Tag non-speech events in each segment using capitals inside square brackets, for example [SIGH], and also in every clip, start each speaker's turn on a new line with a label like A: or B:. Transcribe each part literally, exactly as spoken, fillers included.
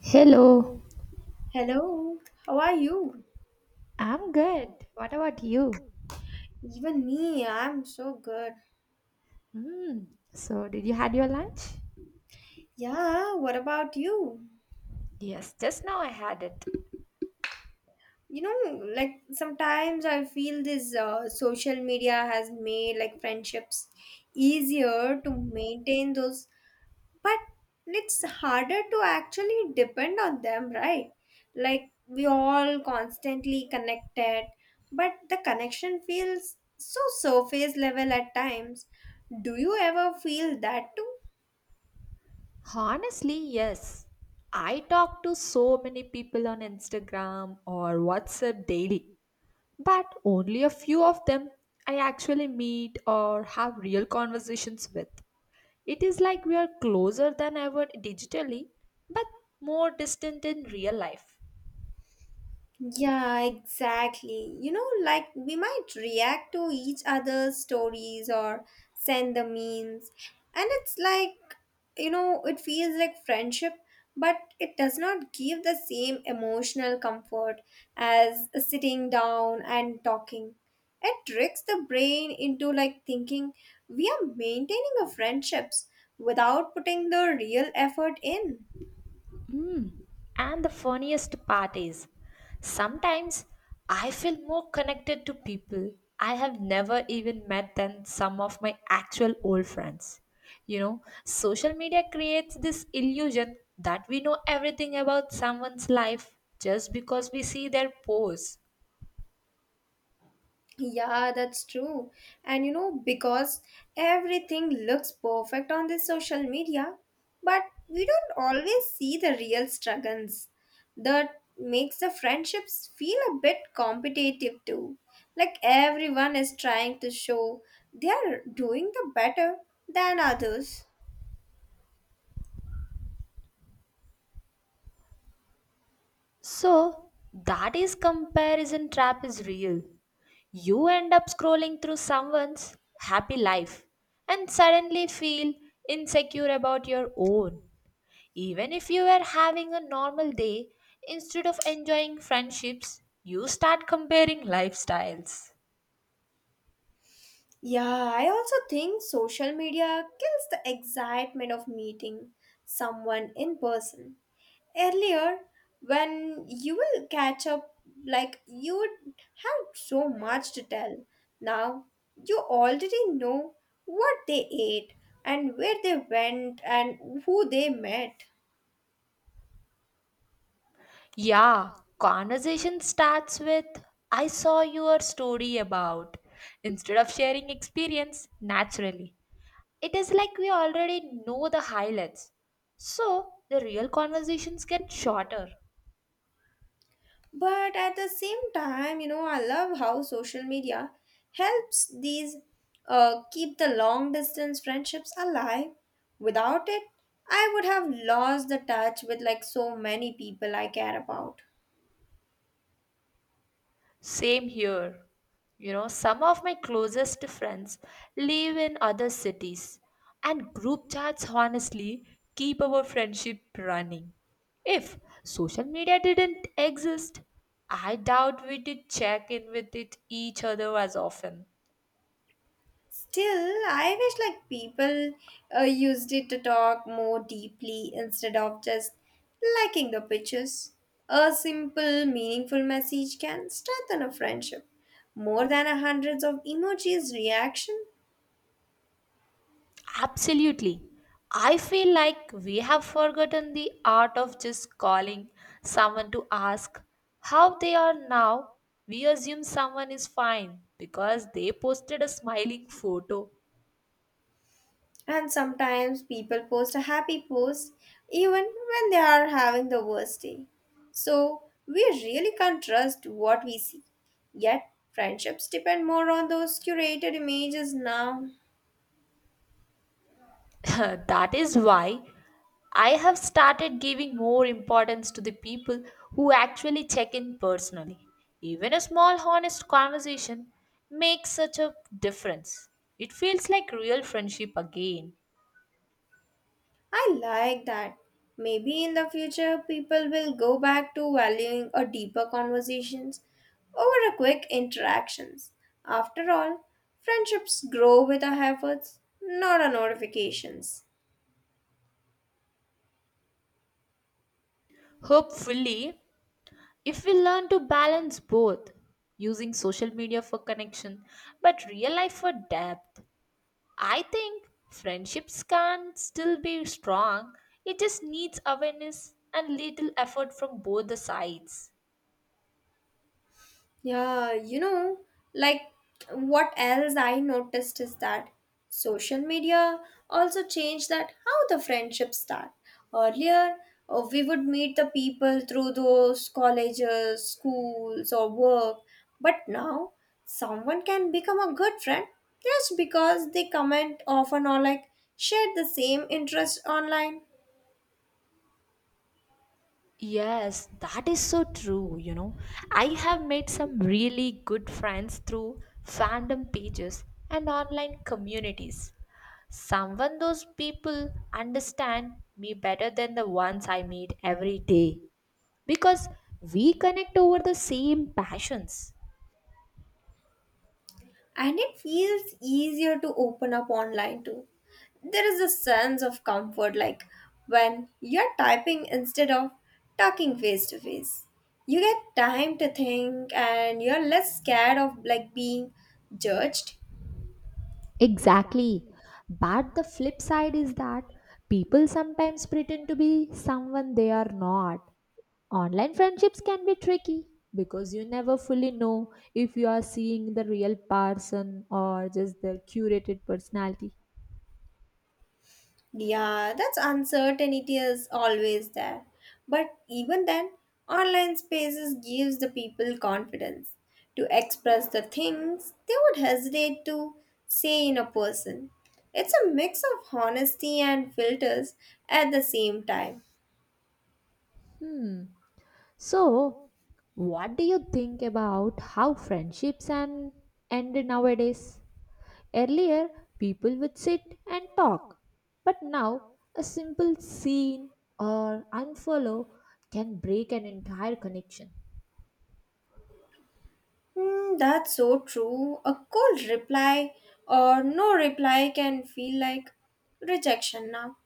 A: Hello,
B: Hello, how are you?
A: I'm good. What about you?
B: Even me, I'm so good.
A: Hmm. So, did you had your lunch?
B: Yeah, what about you?
A: Yes, just now I had it.
B: You know, like sometimes I feel this uh, social media has made like friendships easier to maintain those, but it's harder to actually depend on them, right? Like we all constantly connected, but the connection feels so surface level at times. Do you ever feel that too?
A: Honestly, yes. I talk to so many people on Instagram or WhatsApp daily, but only a few of them I actually meet or have real conversations with. It is like we are closer than ever digitally, but more distant in real life.
B: Yeah, exactly. You know, like we might react to each other's stories or send the memes. And it's like, you know, it feels like friendship, but it does not give the same emotional comfort as sitting down and talking. It tricks the brain into like thinking we are maintaining our friendships without putting the real effort in.
A: And the funniest part is, sometimes I feel more connected to people I have never even met than some of my actual old friends. You know, social media creates this illusion that we know everything about someone's life just because we see their posts.
B: Yeah, that's true. And you know, because everything looks perfect on the social media, but we don't always see the real struggles. That makes the friendships feel a bit competitive too. Like everyone is trying to show they are doing the better than others.
A: So, that is comparison trap is real. You end up scrolling through someone's happy life and suddenly feel insecure about your own. Even if you are having a normal day, instead of enjoying friendships, you start comparing lifestyles.
B: Yeah, I also think social media kills the excitement of meeting someone in person earlier, when you will catch up, like you would have so much to tell. Now you already know what they ate and where they went and who they met.
A: Yeah, conversation starts with I saw your story about instead of sharing experience naturally. It is like we already know the highlights. So the real conversations get shorter.
B: But at the same time, you know I love how social media helps these, uh, keep the long distance friendships alive. Without it, I would have lost the touch with like so many people I care about.
A: Same here. You know, some of my closest friends live in other cities, and group chats honestly keep our friendship running. If social media didn't exist, I doubt we did check in with it each other as often.
B: Still, I wish like people uh, used it to talk more deeply instead of just liking the pictures. A simple, meaningful message can strengthen a friendship more than a hundreds of emojis reaction.
A: Absolutely. I feel like we have forgotten the art of just calling someone to ask how they are now. We assume someone is fine because they posted a smiling photo.
B: And sometimes people post a happy post even when they are having the worst day. So we really can't trust what we see. Yet friendships depend more on those curated images now.
A: [LAUGHS] That is why I have started giving more importance to the people who actually check in personally. Even a small, honest conversation makes such a difference. It feels like real friendship again.
B: I like that. Maybe in the future people will go back to valuing a deeper conversations over a quick interactions. After all, friendships grow with our efforts, not our notifications.
A: Hopefully, if we learn to balance both, using social media for connection but real life for depth, I think friendships can still be strong. It just needs awareness and little effort from both the sides.
B: Yeah, you know, like what else I noticed is that social media also changed that how the friendships start. Earlier, uh, we would meet the people through those colleges, schools, or work, but now someone can become a good friend just because they comment often or like share the same interest online.
A: Yes, that is so true, you know. I have made some really good friends through fandom pages and online communities. Someone those people understand me better than the ones I meet every day, because we connect over the same passions.
B: And it feels easier to open up online too. There is a sense of comfort like when you're typing instead of talking face to face. You get time to think and you're less scared of like being judged.
A: Exactly. But the flip side is that people sometimes pretend to be someone they are not. Online friendships can be tricky because you never fully know if you are seeing the real person or just their curated personality.
B: Yeah, that's uncertainty is always there. But even then, online spaces gives the people confidence to express the things they would hesitate to say in a person. It's a mix of honesty and filters at the same time.
A: Hmm. So, what do you think about how friendships and end nowadays? Earlier, people would sit and talk, but now a simple scene or unfollow can break an entire connection.
B: Hmm, that's so true. A cold reply or no reply can feel like rejection now.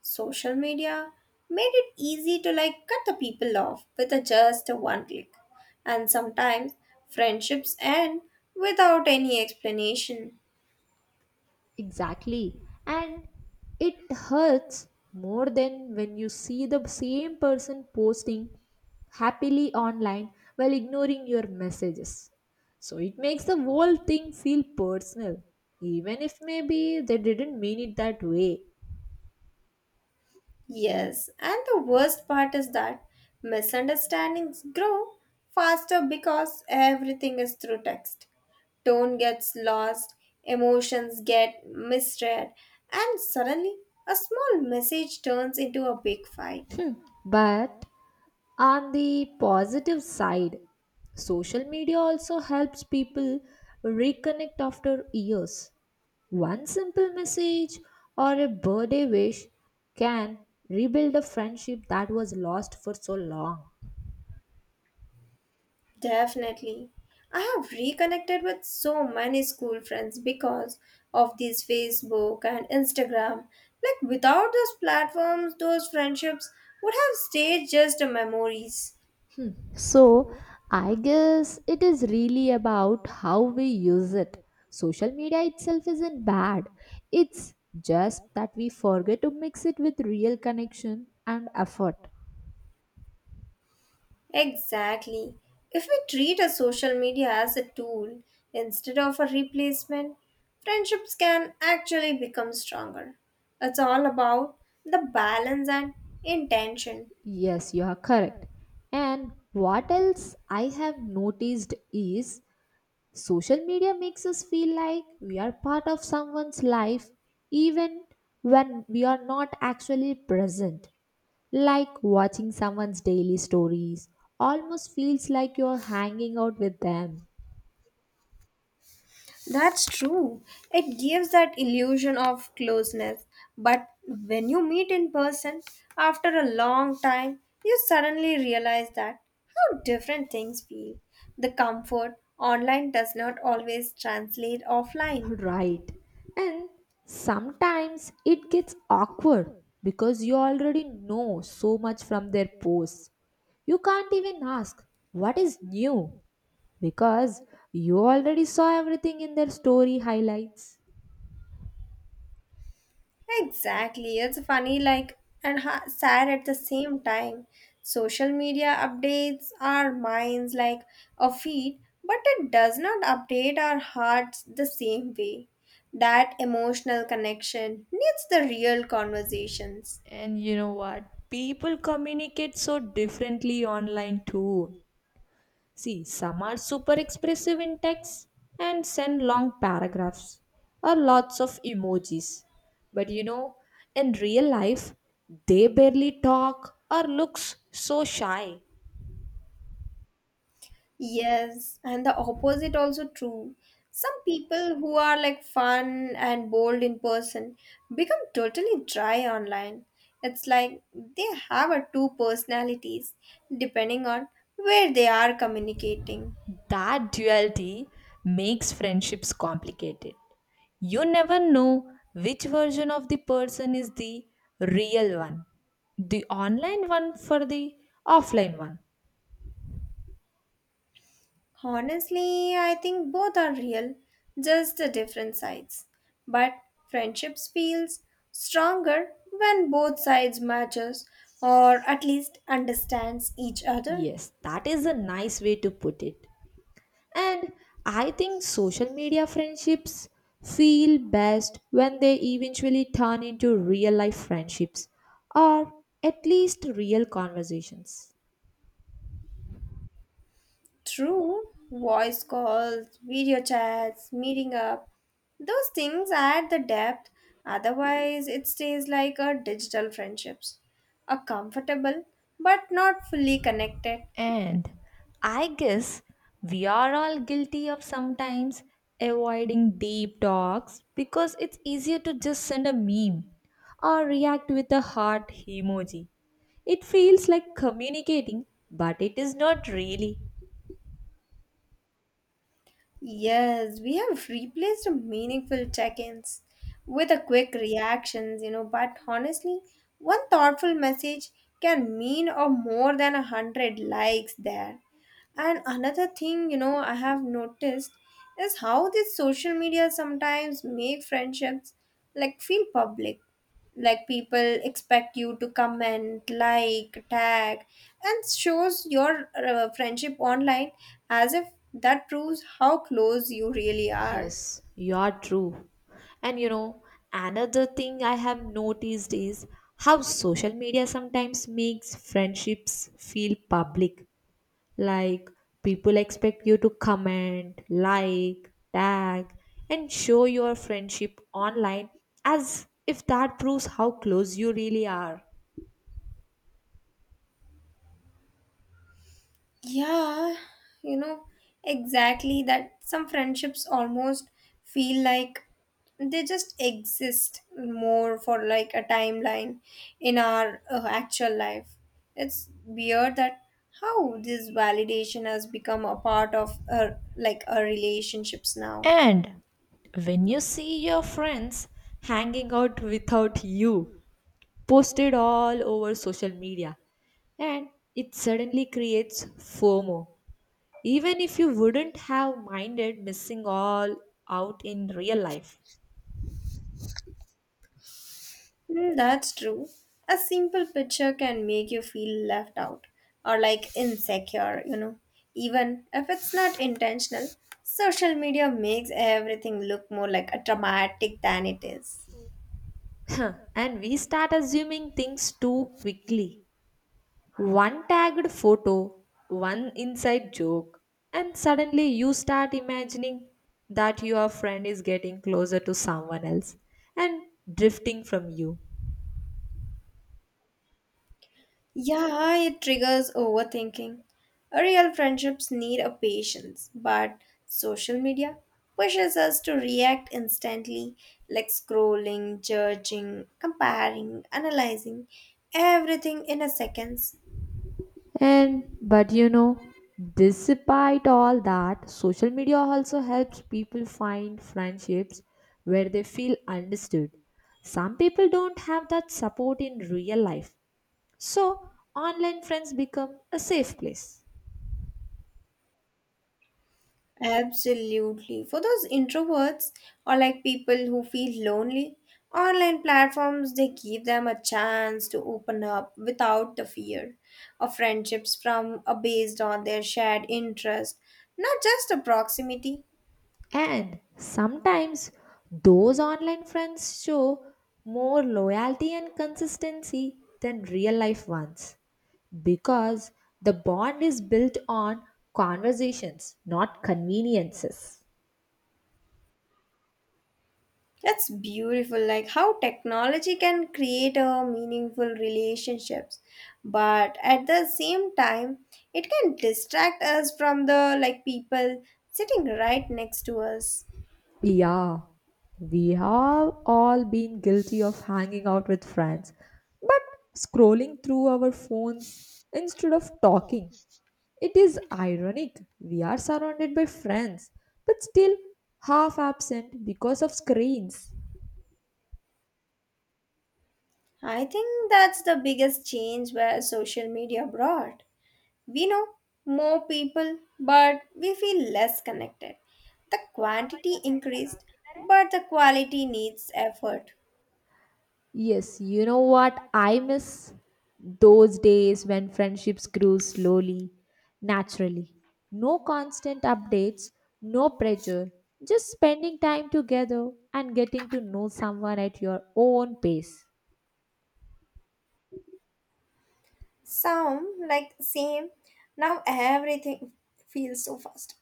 B: Social media made it easy to like cut the people off with a just a one click. And sometimes friendships end without any explanation.
A: Exactly, and it hurts more than when you see the same person posting happily online while ignoring your messages. So it makes the whole thing feel personal, even if maybe they didn't mean it that way.
B: Yes, and the worst part is that misunderstandings grow faster because everything is through text. Tone gets lost, emotions get misread, and suddenly a small message turns into a big fight.
A: But on the positive side, social media also helps people reconnect after years. One simple message or a birthday wish can rebuild a friendship that was lost for so long.
B: Definitely. I have reconnected with so many school friends because of these Facebook and Instagram. Like without those platforms, those friendships would have stayed just memories.
A: So, I guess it is really about how we use it. Social media itself isn't bad, it's just that we forget to mix it with real connection and effort.
B: Exactly. If we treat a social media as a tool instead of a replacement, friendships can actually become stronger. It's all about the balance and intention.
A: Yes, you are correct. And what else I have noticed is social media makes us feel like we are part of someone's life even when we are not actually present. Like watching someone's daily stories almost feels like you're hanging out with them.
B: That's true. It gives that illusion of closeness. But when you meet in person after a long time, you suddenly realize that how different things feel. The comfort online does not always translate offline.
A: Right. And sometimes it gets awkward because you already know so much from their posts. You can't even ask what is new because you already saw everything in their story highlights.
B: Exactly. It's funny, like, and ha- sad at the same time. Social media updates our minds like a feed, but it does not update our hearts the same way. That emotional connection needs the real conversations.
A: And you know what? People communicate so differently online too. See, some are super expressive in text and send long paragraphs or lots of emojis. But you know, in real life, they barely talk or looks so shy.
B: Yes, and the opposite also true. Some people who are like fun and bold in person become totally dry online. It's like they have a two personalities depending on where they are communicating.
A: That duality makes friendships complicated. You never know which version of the person is the real one, the online one for the offline one.
B: Honestly, I think both are real, just the different sides. But friendships feels stronger when both sides matches or at least understands each other.
A: Yes, that is a nice way to put it. And I think social media friendships feel best when they eventually turn into real life friendships or at least real conversations.
B: True, voice calls, video chats, meeting up, those things add the depth. Otherwise, it stays like a digital friendships. A comfortable but not fully connected.
A: And I guess we are all guilty of sometimes avoiding deep talks because it's easier to just send a meme or react with a heart emoji. It feels like communicating, but it is not really.
B: Yes, we have replaced meaningful check-ins with a quick reactions, you know, but honestly, one thoughtful message can mean or more than a hundred likes there. And another thing, you know, I have noticed is how this social media sometimes make friendships like feel public, like people expect you to comment like tag and shows your uh, friendship online as if that proves how close you really are.
A: Yes, you are true. And you know, another thing I have noticed is how social media sometimes makes friendships feel public. Like people expect you to comment, like, tag, and show your friendship online as if that proves how close you really are.
B: Yeah, you know, exactly that some friendships almost feel like they just exist more for like a timeline in our uh, actual life. It's weird that how this validation has become a part of uh, like our relationships now.
A: And when you see your friends hanging out without you, posted all over social media and it suddenly creates FOMO. Even if you wouldn't have minded missing all out in real life.
B: Mm, that's true. A simple picture can make you feel left out or like insecure, you know. Even if it's not intentional, social media makes everything look more like a dramatic than it is.
A: [LAUGHS] And we start assuming things too quickly. One tagged photo, one inside joke, and suddenly you start imagining that your friend is getting closer to someone else and drifting from you.
B: Yeah, it triggers overthinking. Real friendships need a patience, but social media pushes us to react instantly, like scrolling, judging, comparing, analyzing everything in a second.
A: And but you know, despite all that, social media also helps people find friendships where they feel understood. Some people don't have that support in real life. So, online friends become a safe place.
B: Absolutely. For those introverts or like people who feel lonely, online platforms they give them a chance to open up without the fear of friendships from uh, based on their shared interest, not just a proximity.
A: And sometimes those online friends show more loyalty and consistency than real life ones because the bond is built on conversations, not conveniences.
B: That's beautiful, like how technology can create a meaningful relationships, but at the same time, it can distract us from the like people sitting right next to us.
A: Yeah, we have all been guilty of hanging out with friends, but scrolling through our phones instead of talking. It is ironic. We are surrounded by friends, but still half absent because of screens.
B: I think that's the biggest change where social media brought. We know more people, but we feel less connected. The quantity increased, but the quality needs effort.
A: Yes, you know what? I miss those days when friendships grew slowly, naturally. No constant updates, no pressure, just spending time together and getting to know someone at your own pace.
B: Sound like same. Now everything feels so fast.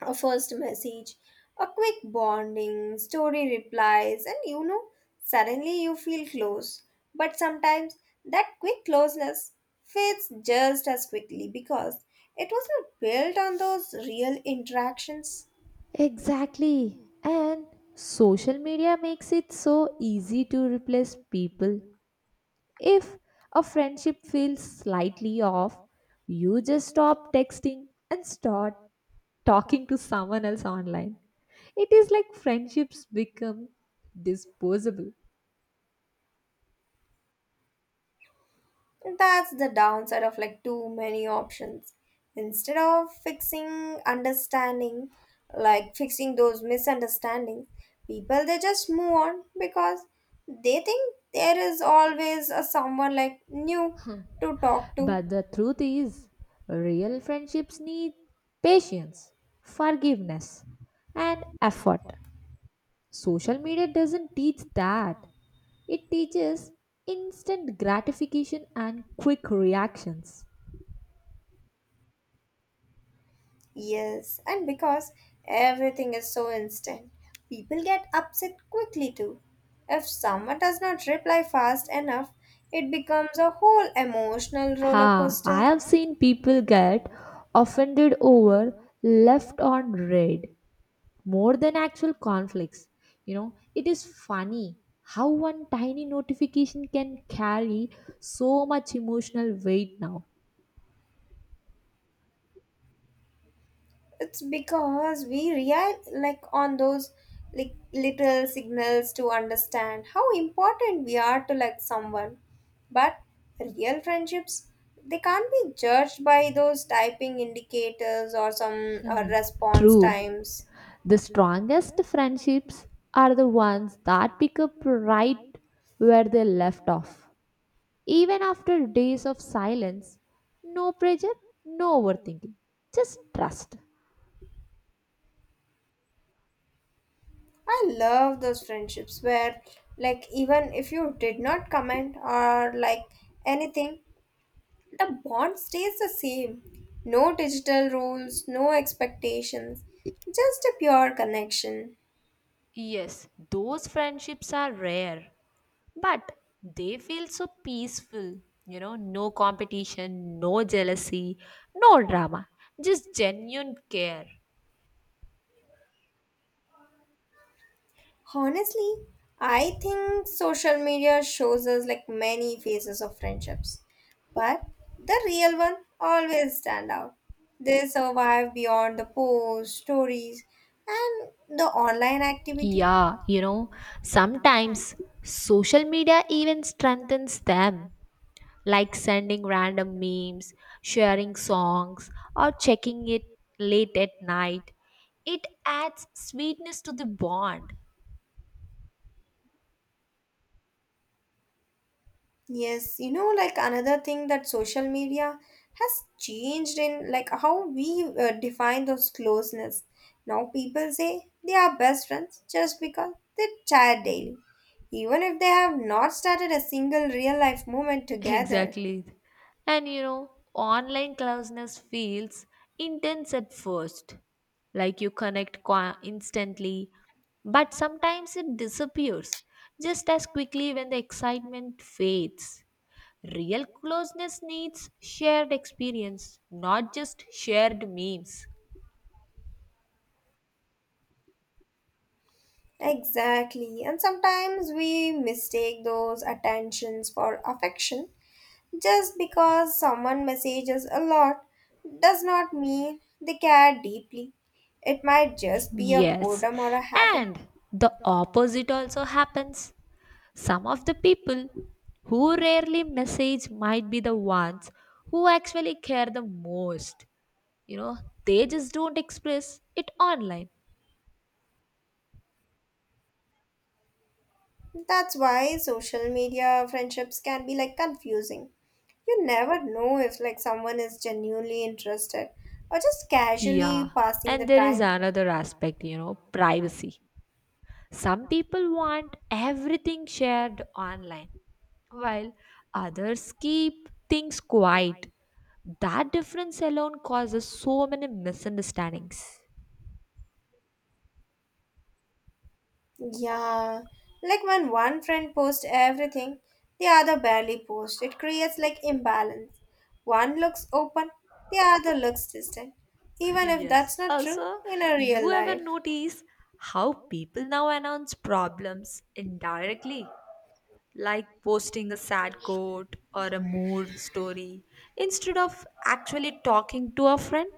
B: A first message, a quick bonding, story replies, and you know, suddenly you feel close. But sometimes that quick closeness fades just as quickly because it was not built on those real interactions.
A: Exactly. And social media makes it so easy to replace people. If a friendship feels slightly off, you just stop texting and start talking to someone else online. It is like friendships become disposable.
B: That's the downside of like too many options. Instead of fixing understanding, like fixing those misunderstandings, people they just move on because they think there is always a someone like new to talk to.
A: But the truth is, real friendships need patience, forgiveness, and effort. Social media doesn't teach that, it teaches instant gratification and quick reactions.
B: Yes, and because everything is so instant, people get upset quickly too. If someone does not reply fast enough, it becomes a whole emotional roller
A: Ha, I
B: coaster.
A: have seen people get offended over left on red more than actual conflicts. You know, it is funny how one tiny notification can carry so much emotional weight now.
B: It's because we rely like on those like little signals to understand how important we are to like someone. But real friendships they can't be judged by those typing indicators or some uh, response
A: True,
B: times.
A: the strongest friendships are the ones that pick up right where they left off. Even after days of silence, no pressure, no overthinking, just trust.
B: I love those friendships where like even if you did not comment or like anything. The bond stays the same. No digital rules, no expectations, just a pure connection.
A: Yes, those friendships are rare, but they feel so peaceful. You know, no competition, no jealousy, no drama, just genuine care.
B: Honestly, I think social media shows us like many phases of friendships, but the real one always stand out. They survive beyond the posts, stories, and the online activity.
A: Yeah, you know, sometimes social media even strengthens them, like sending random memes, sharing songs, or checking it late at night. It adds sweetness to the bond.
B: Yes, you know, like another thing that social media has changed in like how we uh, define those closeness. Now people say they are best friends just because they chat daily, even if they have not started a single real life moment together.
A: Exactly. And you know, online closeness feels intense at first, like you connect qua instantly, but sometimes it disappears just as quickly when the excitement fades. Real closeness needs shared experience, not just shared memes.
B: Exactly, and sometimes we mistake those attentions for affection. Just because someone messages a lot does not mean they care deeply. It might just be a
A: Yes,
B: boredom or a habit.
A: and the opposite also happens. Some of the people who rarely message might be the ones who actually care the most. You know, they just don't express it online.
B: That's why social media friendships can be like confusing. You never know if like someone is genuinely interested or just
A: Yeah,
B: casually passing the
A: and there is
B: time.
A: another aspect, you know, privacy. Some people want everything shared online, while others keep things quiet. That difference alone causes so many misunderstandings.
B: Yeah, like when one friend posts everything, the other barely posts. It creates like imbalance. One looks open, the other looks distant.
A: [LAUGHS]
B: Even if
A: Yes.
B: that's not true
A: Also,
B: in a real
A: you ever
B: life.
A: notice how people now announce problems indirectly, like posting a sad quote or a mood story instead of actually talking to a friend?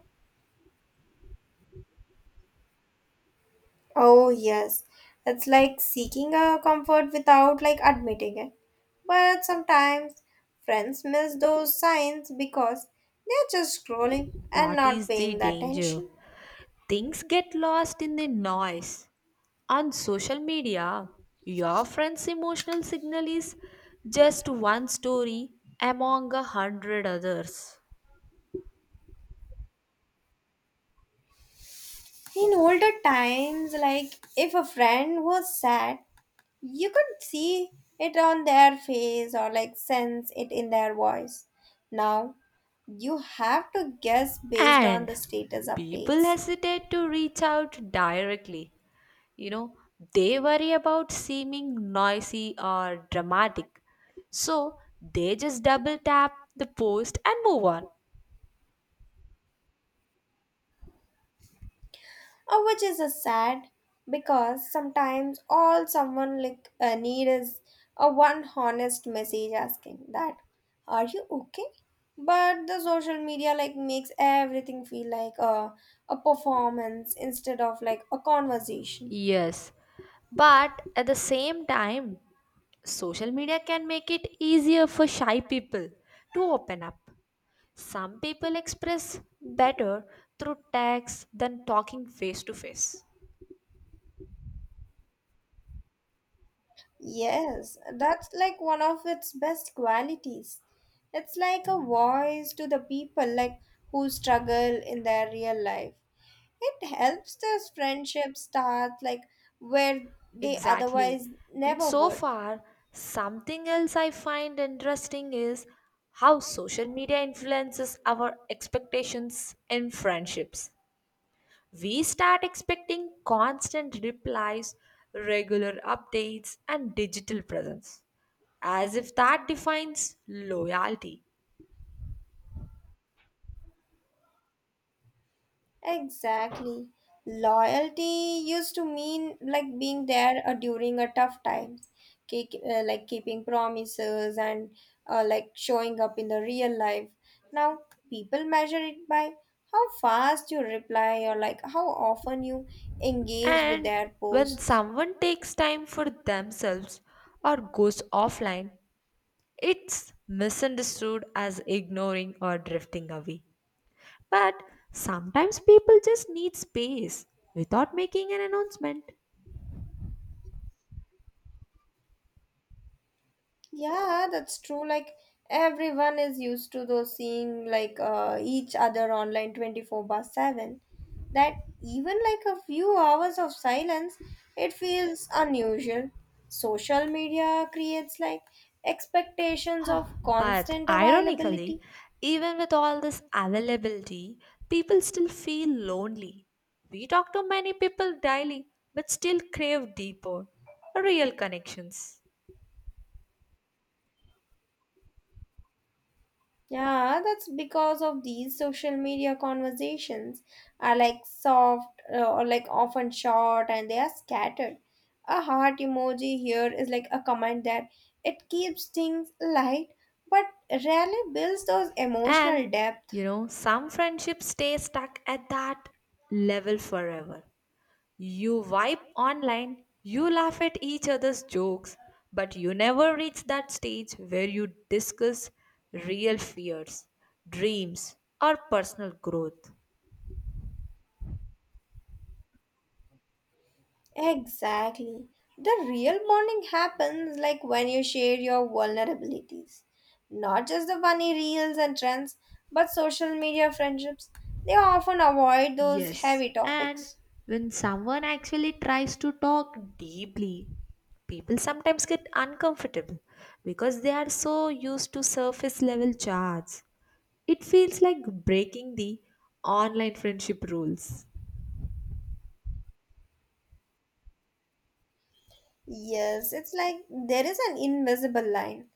B: Oh yes, it's like seeking a comfort without like admitting it. But sometimes friends miss those signs because they're just scrolling and
A: That
B: not
A: is the
B: paying the
A: danger.
B: attention.
A: Things get lost in the noise. On social media, your friend's emotional signal is just one story among a hundred others.
B: In older times, like if a friend was sad, you could see it on their face or like sense it in their voice. Now, you have to guess based on
A: And
B: the status
A: people
B: updates,
A: hesitate to reach out directly. You know, they worry about seeming noisy or dramatic. So they just double tap the post and move on.
B: uh, which is a sad because sometimes all someone like uh, need is a one honest message asking that, "Are you okay?" But the social media like makes everything feel like a a performance instead of like a conversation.
A: Yes, but at the same time, social media can make it easier for shy people to open up. Some people express better through text than talking face to face.
B: Yes, that's like one of its best qualities. It's like a voice to the people like who struggle in their real life. It helps those friendships start like where they
A: Exactly.
B: otherwise
A: And
B: never
A: so
B: would.
A: far, something else I find interesting is how social media influences our expectations in friendships. We start expecting constant replies, regular updates, and digital presence, as if that defines loyalty.
B: Exactly. Loyalty used to mean like being there uh, during a tough time. Keep, uh, like keeping promises and uh, like showing up in the real life. Now, people measure it by how fast you reply or like how often you engage with
A: And
B: their
A: when
B: posts.
A: someone takes time for themselves or goes offline, it's misunderstood as ignoring or drifting away. But sometimes people just need space without making an announcement.
B: Yeah, that's true. Like everyone is used to those seeing like uh, each other online twenty-four by seven. That even like a few hours of silence, it feels unusual. Social media creates like expectations of
A: But
B: constant
A: ironically,
B: availability.
A: even with all this availability, people still feel lonely. We talk to many people daily, but still crave deeper, real connections.
B: Yeah, that's because of these social media conversations are like soft uh, or like often short and they are scattered. A heart emoji here is like a comment that it keeps things light but rarely builds those
A: And
B: emotional depth.
A: you know, some friendships stay stuck at that level forever. You wipe online, you laugh at each other's jokes, but you never reach that stage where you discuss real fears, dreams, or personal growth.
B: Exactly. The real bonding happens like when you share your vulnerabilities. Not just the funny reels and trends, but social media friendships. They often avoid those
A: Yes,
B: heavy
A: and
B: topics.
A: when someone actually tries to talk deeply, people sometimes get uncomfortable because they are so used to surface level chats. It feels like breaking the online friendship rules.
B: Yes, it's like there is an invisible line.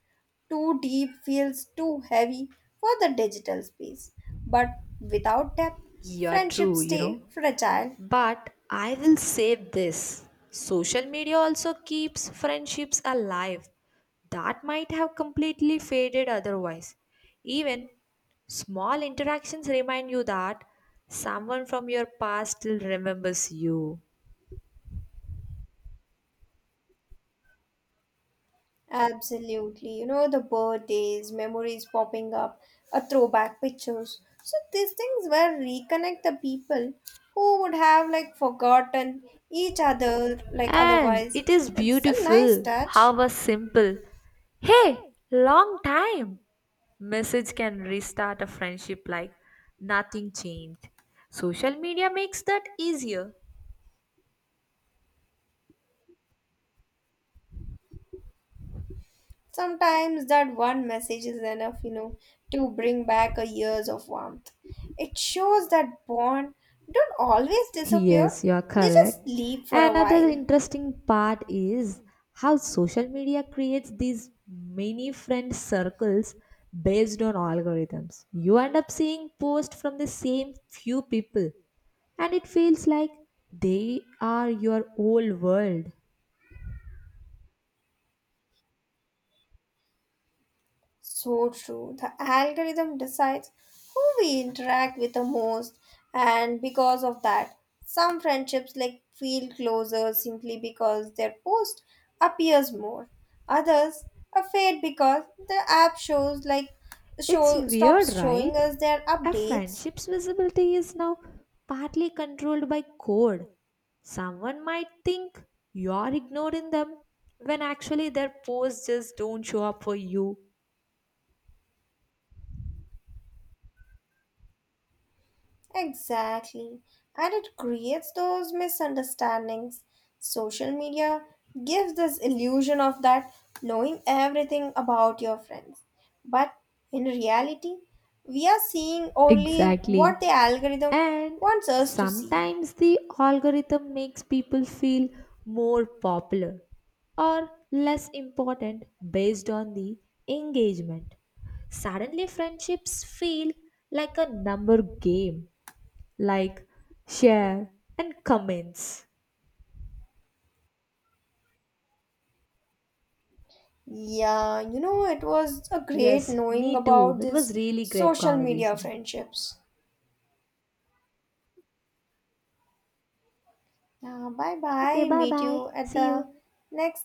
B: Too deep feels too heavy for the digital space. But without depth,
A: Yeah,
B: friendships
A: true, you know.
B: stay fragile.
A: But I will save this social media also keeps friendships alive that might have completely faded otherwise. Even small interactions remind you that someone from your past still remembers you.
B: Absolutely. You know, the birthdays, memories popping up, a throwback pictures. So these things will reconnect the people who would have like forgotten each other like
A: And
B: otherwise.
A: it is
B: It's a nice
A: beautiful
B: touch.
A: how a simple, hey, long time message can restart a friendship like nothing changed. Social media makes that easier.
B: Sometimes that one message is enough, you know, to bring back a years of warmth. It shows that bond don't always disappear,
A: Yes, you are
B: they just
A: correct.
B: leave for a
A: Another
B: while.
A: interesting part is how social media creates these mini friend circles based on algorithms. You end up seeing posts from the same few people, and it feels like they are your whole world.
B: So true. The algorithm decides who we interact with the most, and because of that, some friendships like feel closer simply because their post appears more. Others are fade because the app shows like
A: It's
B: show stops
A: weird,
B: showing
A: right?
B: us their
A: A
B: updates.
A: friendship's visibility is now partly controlled by code. Someone might think you're ignoring them when actually their posts just don't show up for you.
B: Exactly. And it creates those misunderstandings. Social media gives this illusion of that knowing everything about your friends. But in reality, we are seeing only what
A: Exactly.
B: the algorithm
A: And
B: wants us to see.
A: sometimes the algorithm makes people feel more popular or less important based on the engagement. Suddenly, friendships feel like a number game like, share, and comments.
B: Yeah, you know, it was a great
A: Yes,
B: knowing
A: me too.
B: about
A: It
B: this
A: was really great
B: social media
A: conversation.
B: friendships. Yeah, bye
A: Okay,
B: bye.
A: bye
B: Meet
A: bye.
B: you at
A: See
B: the
A: you.
B: next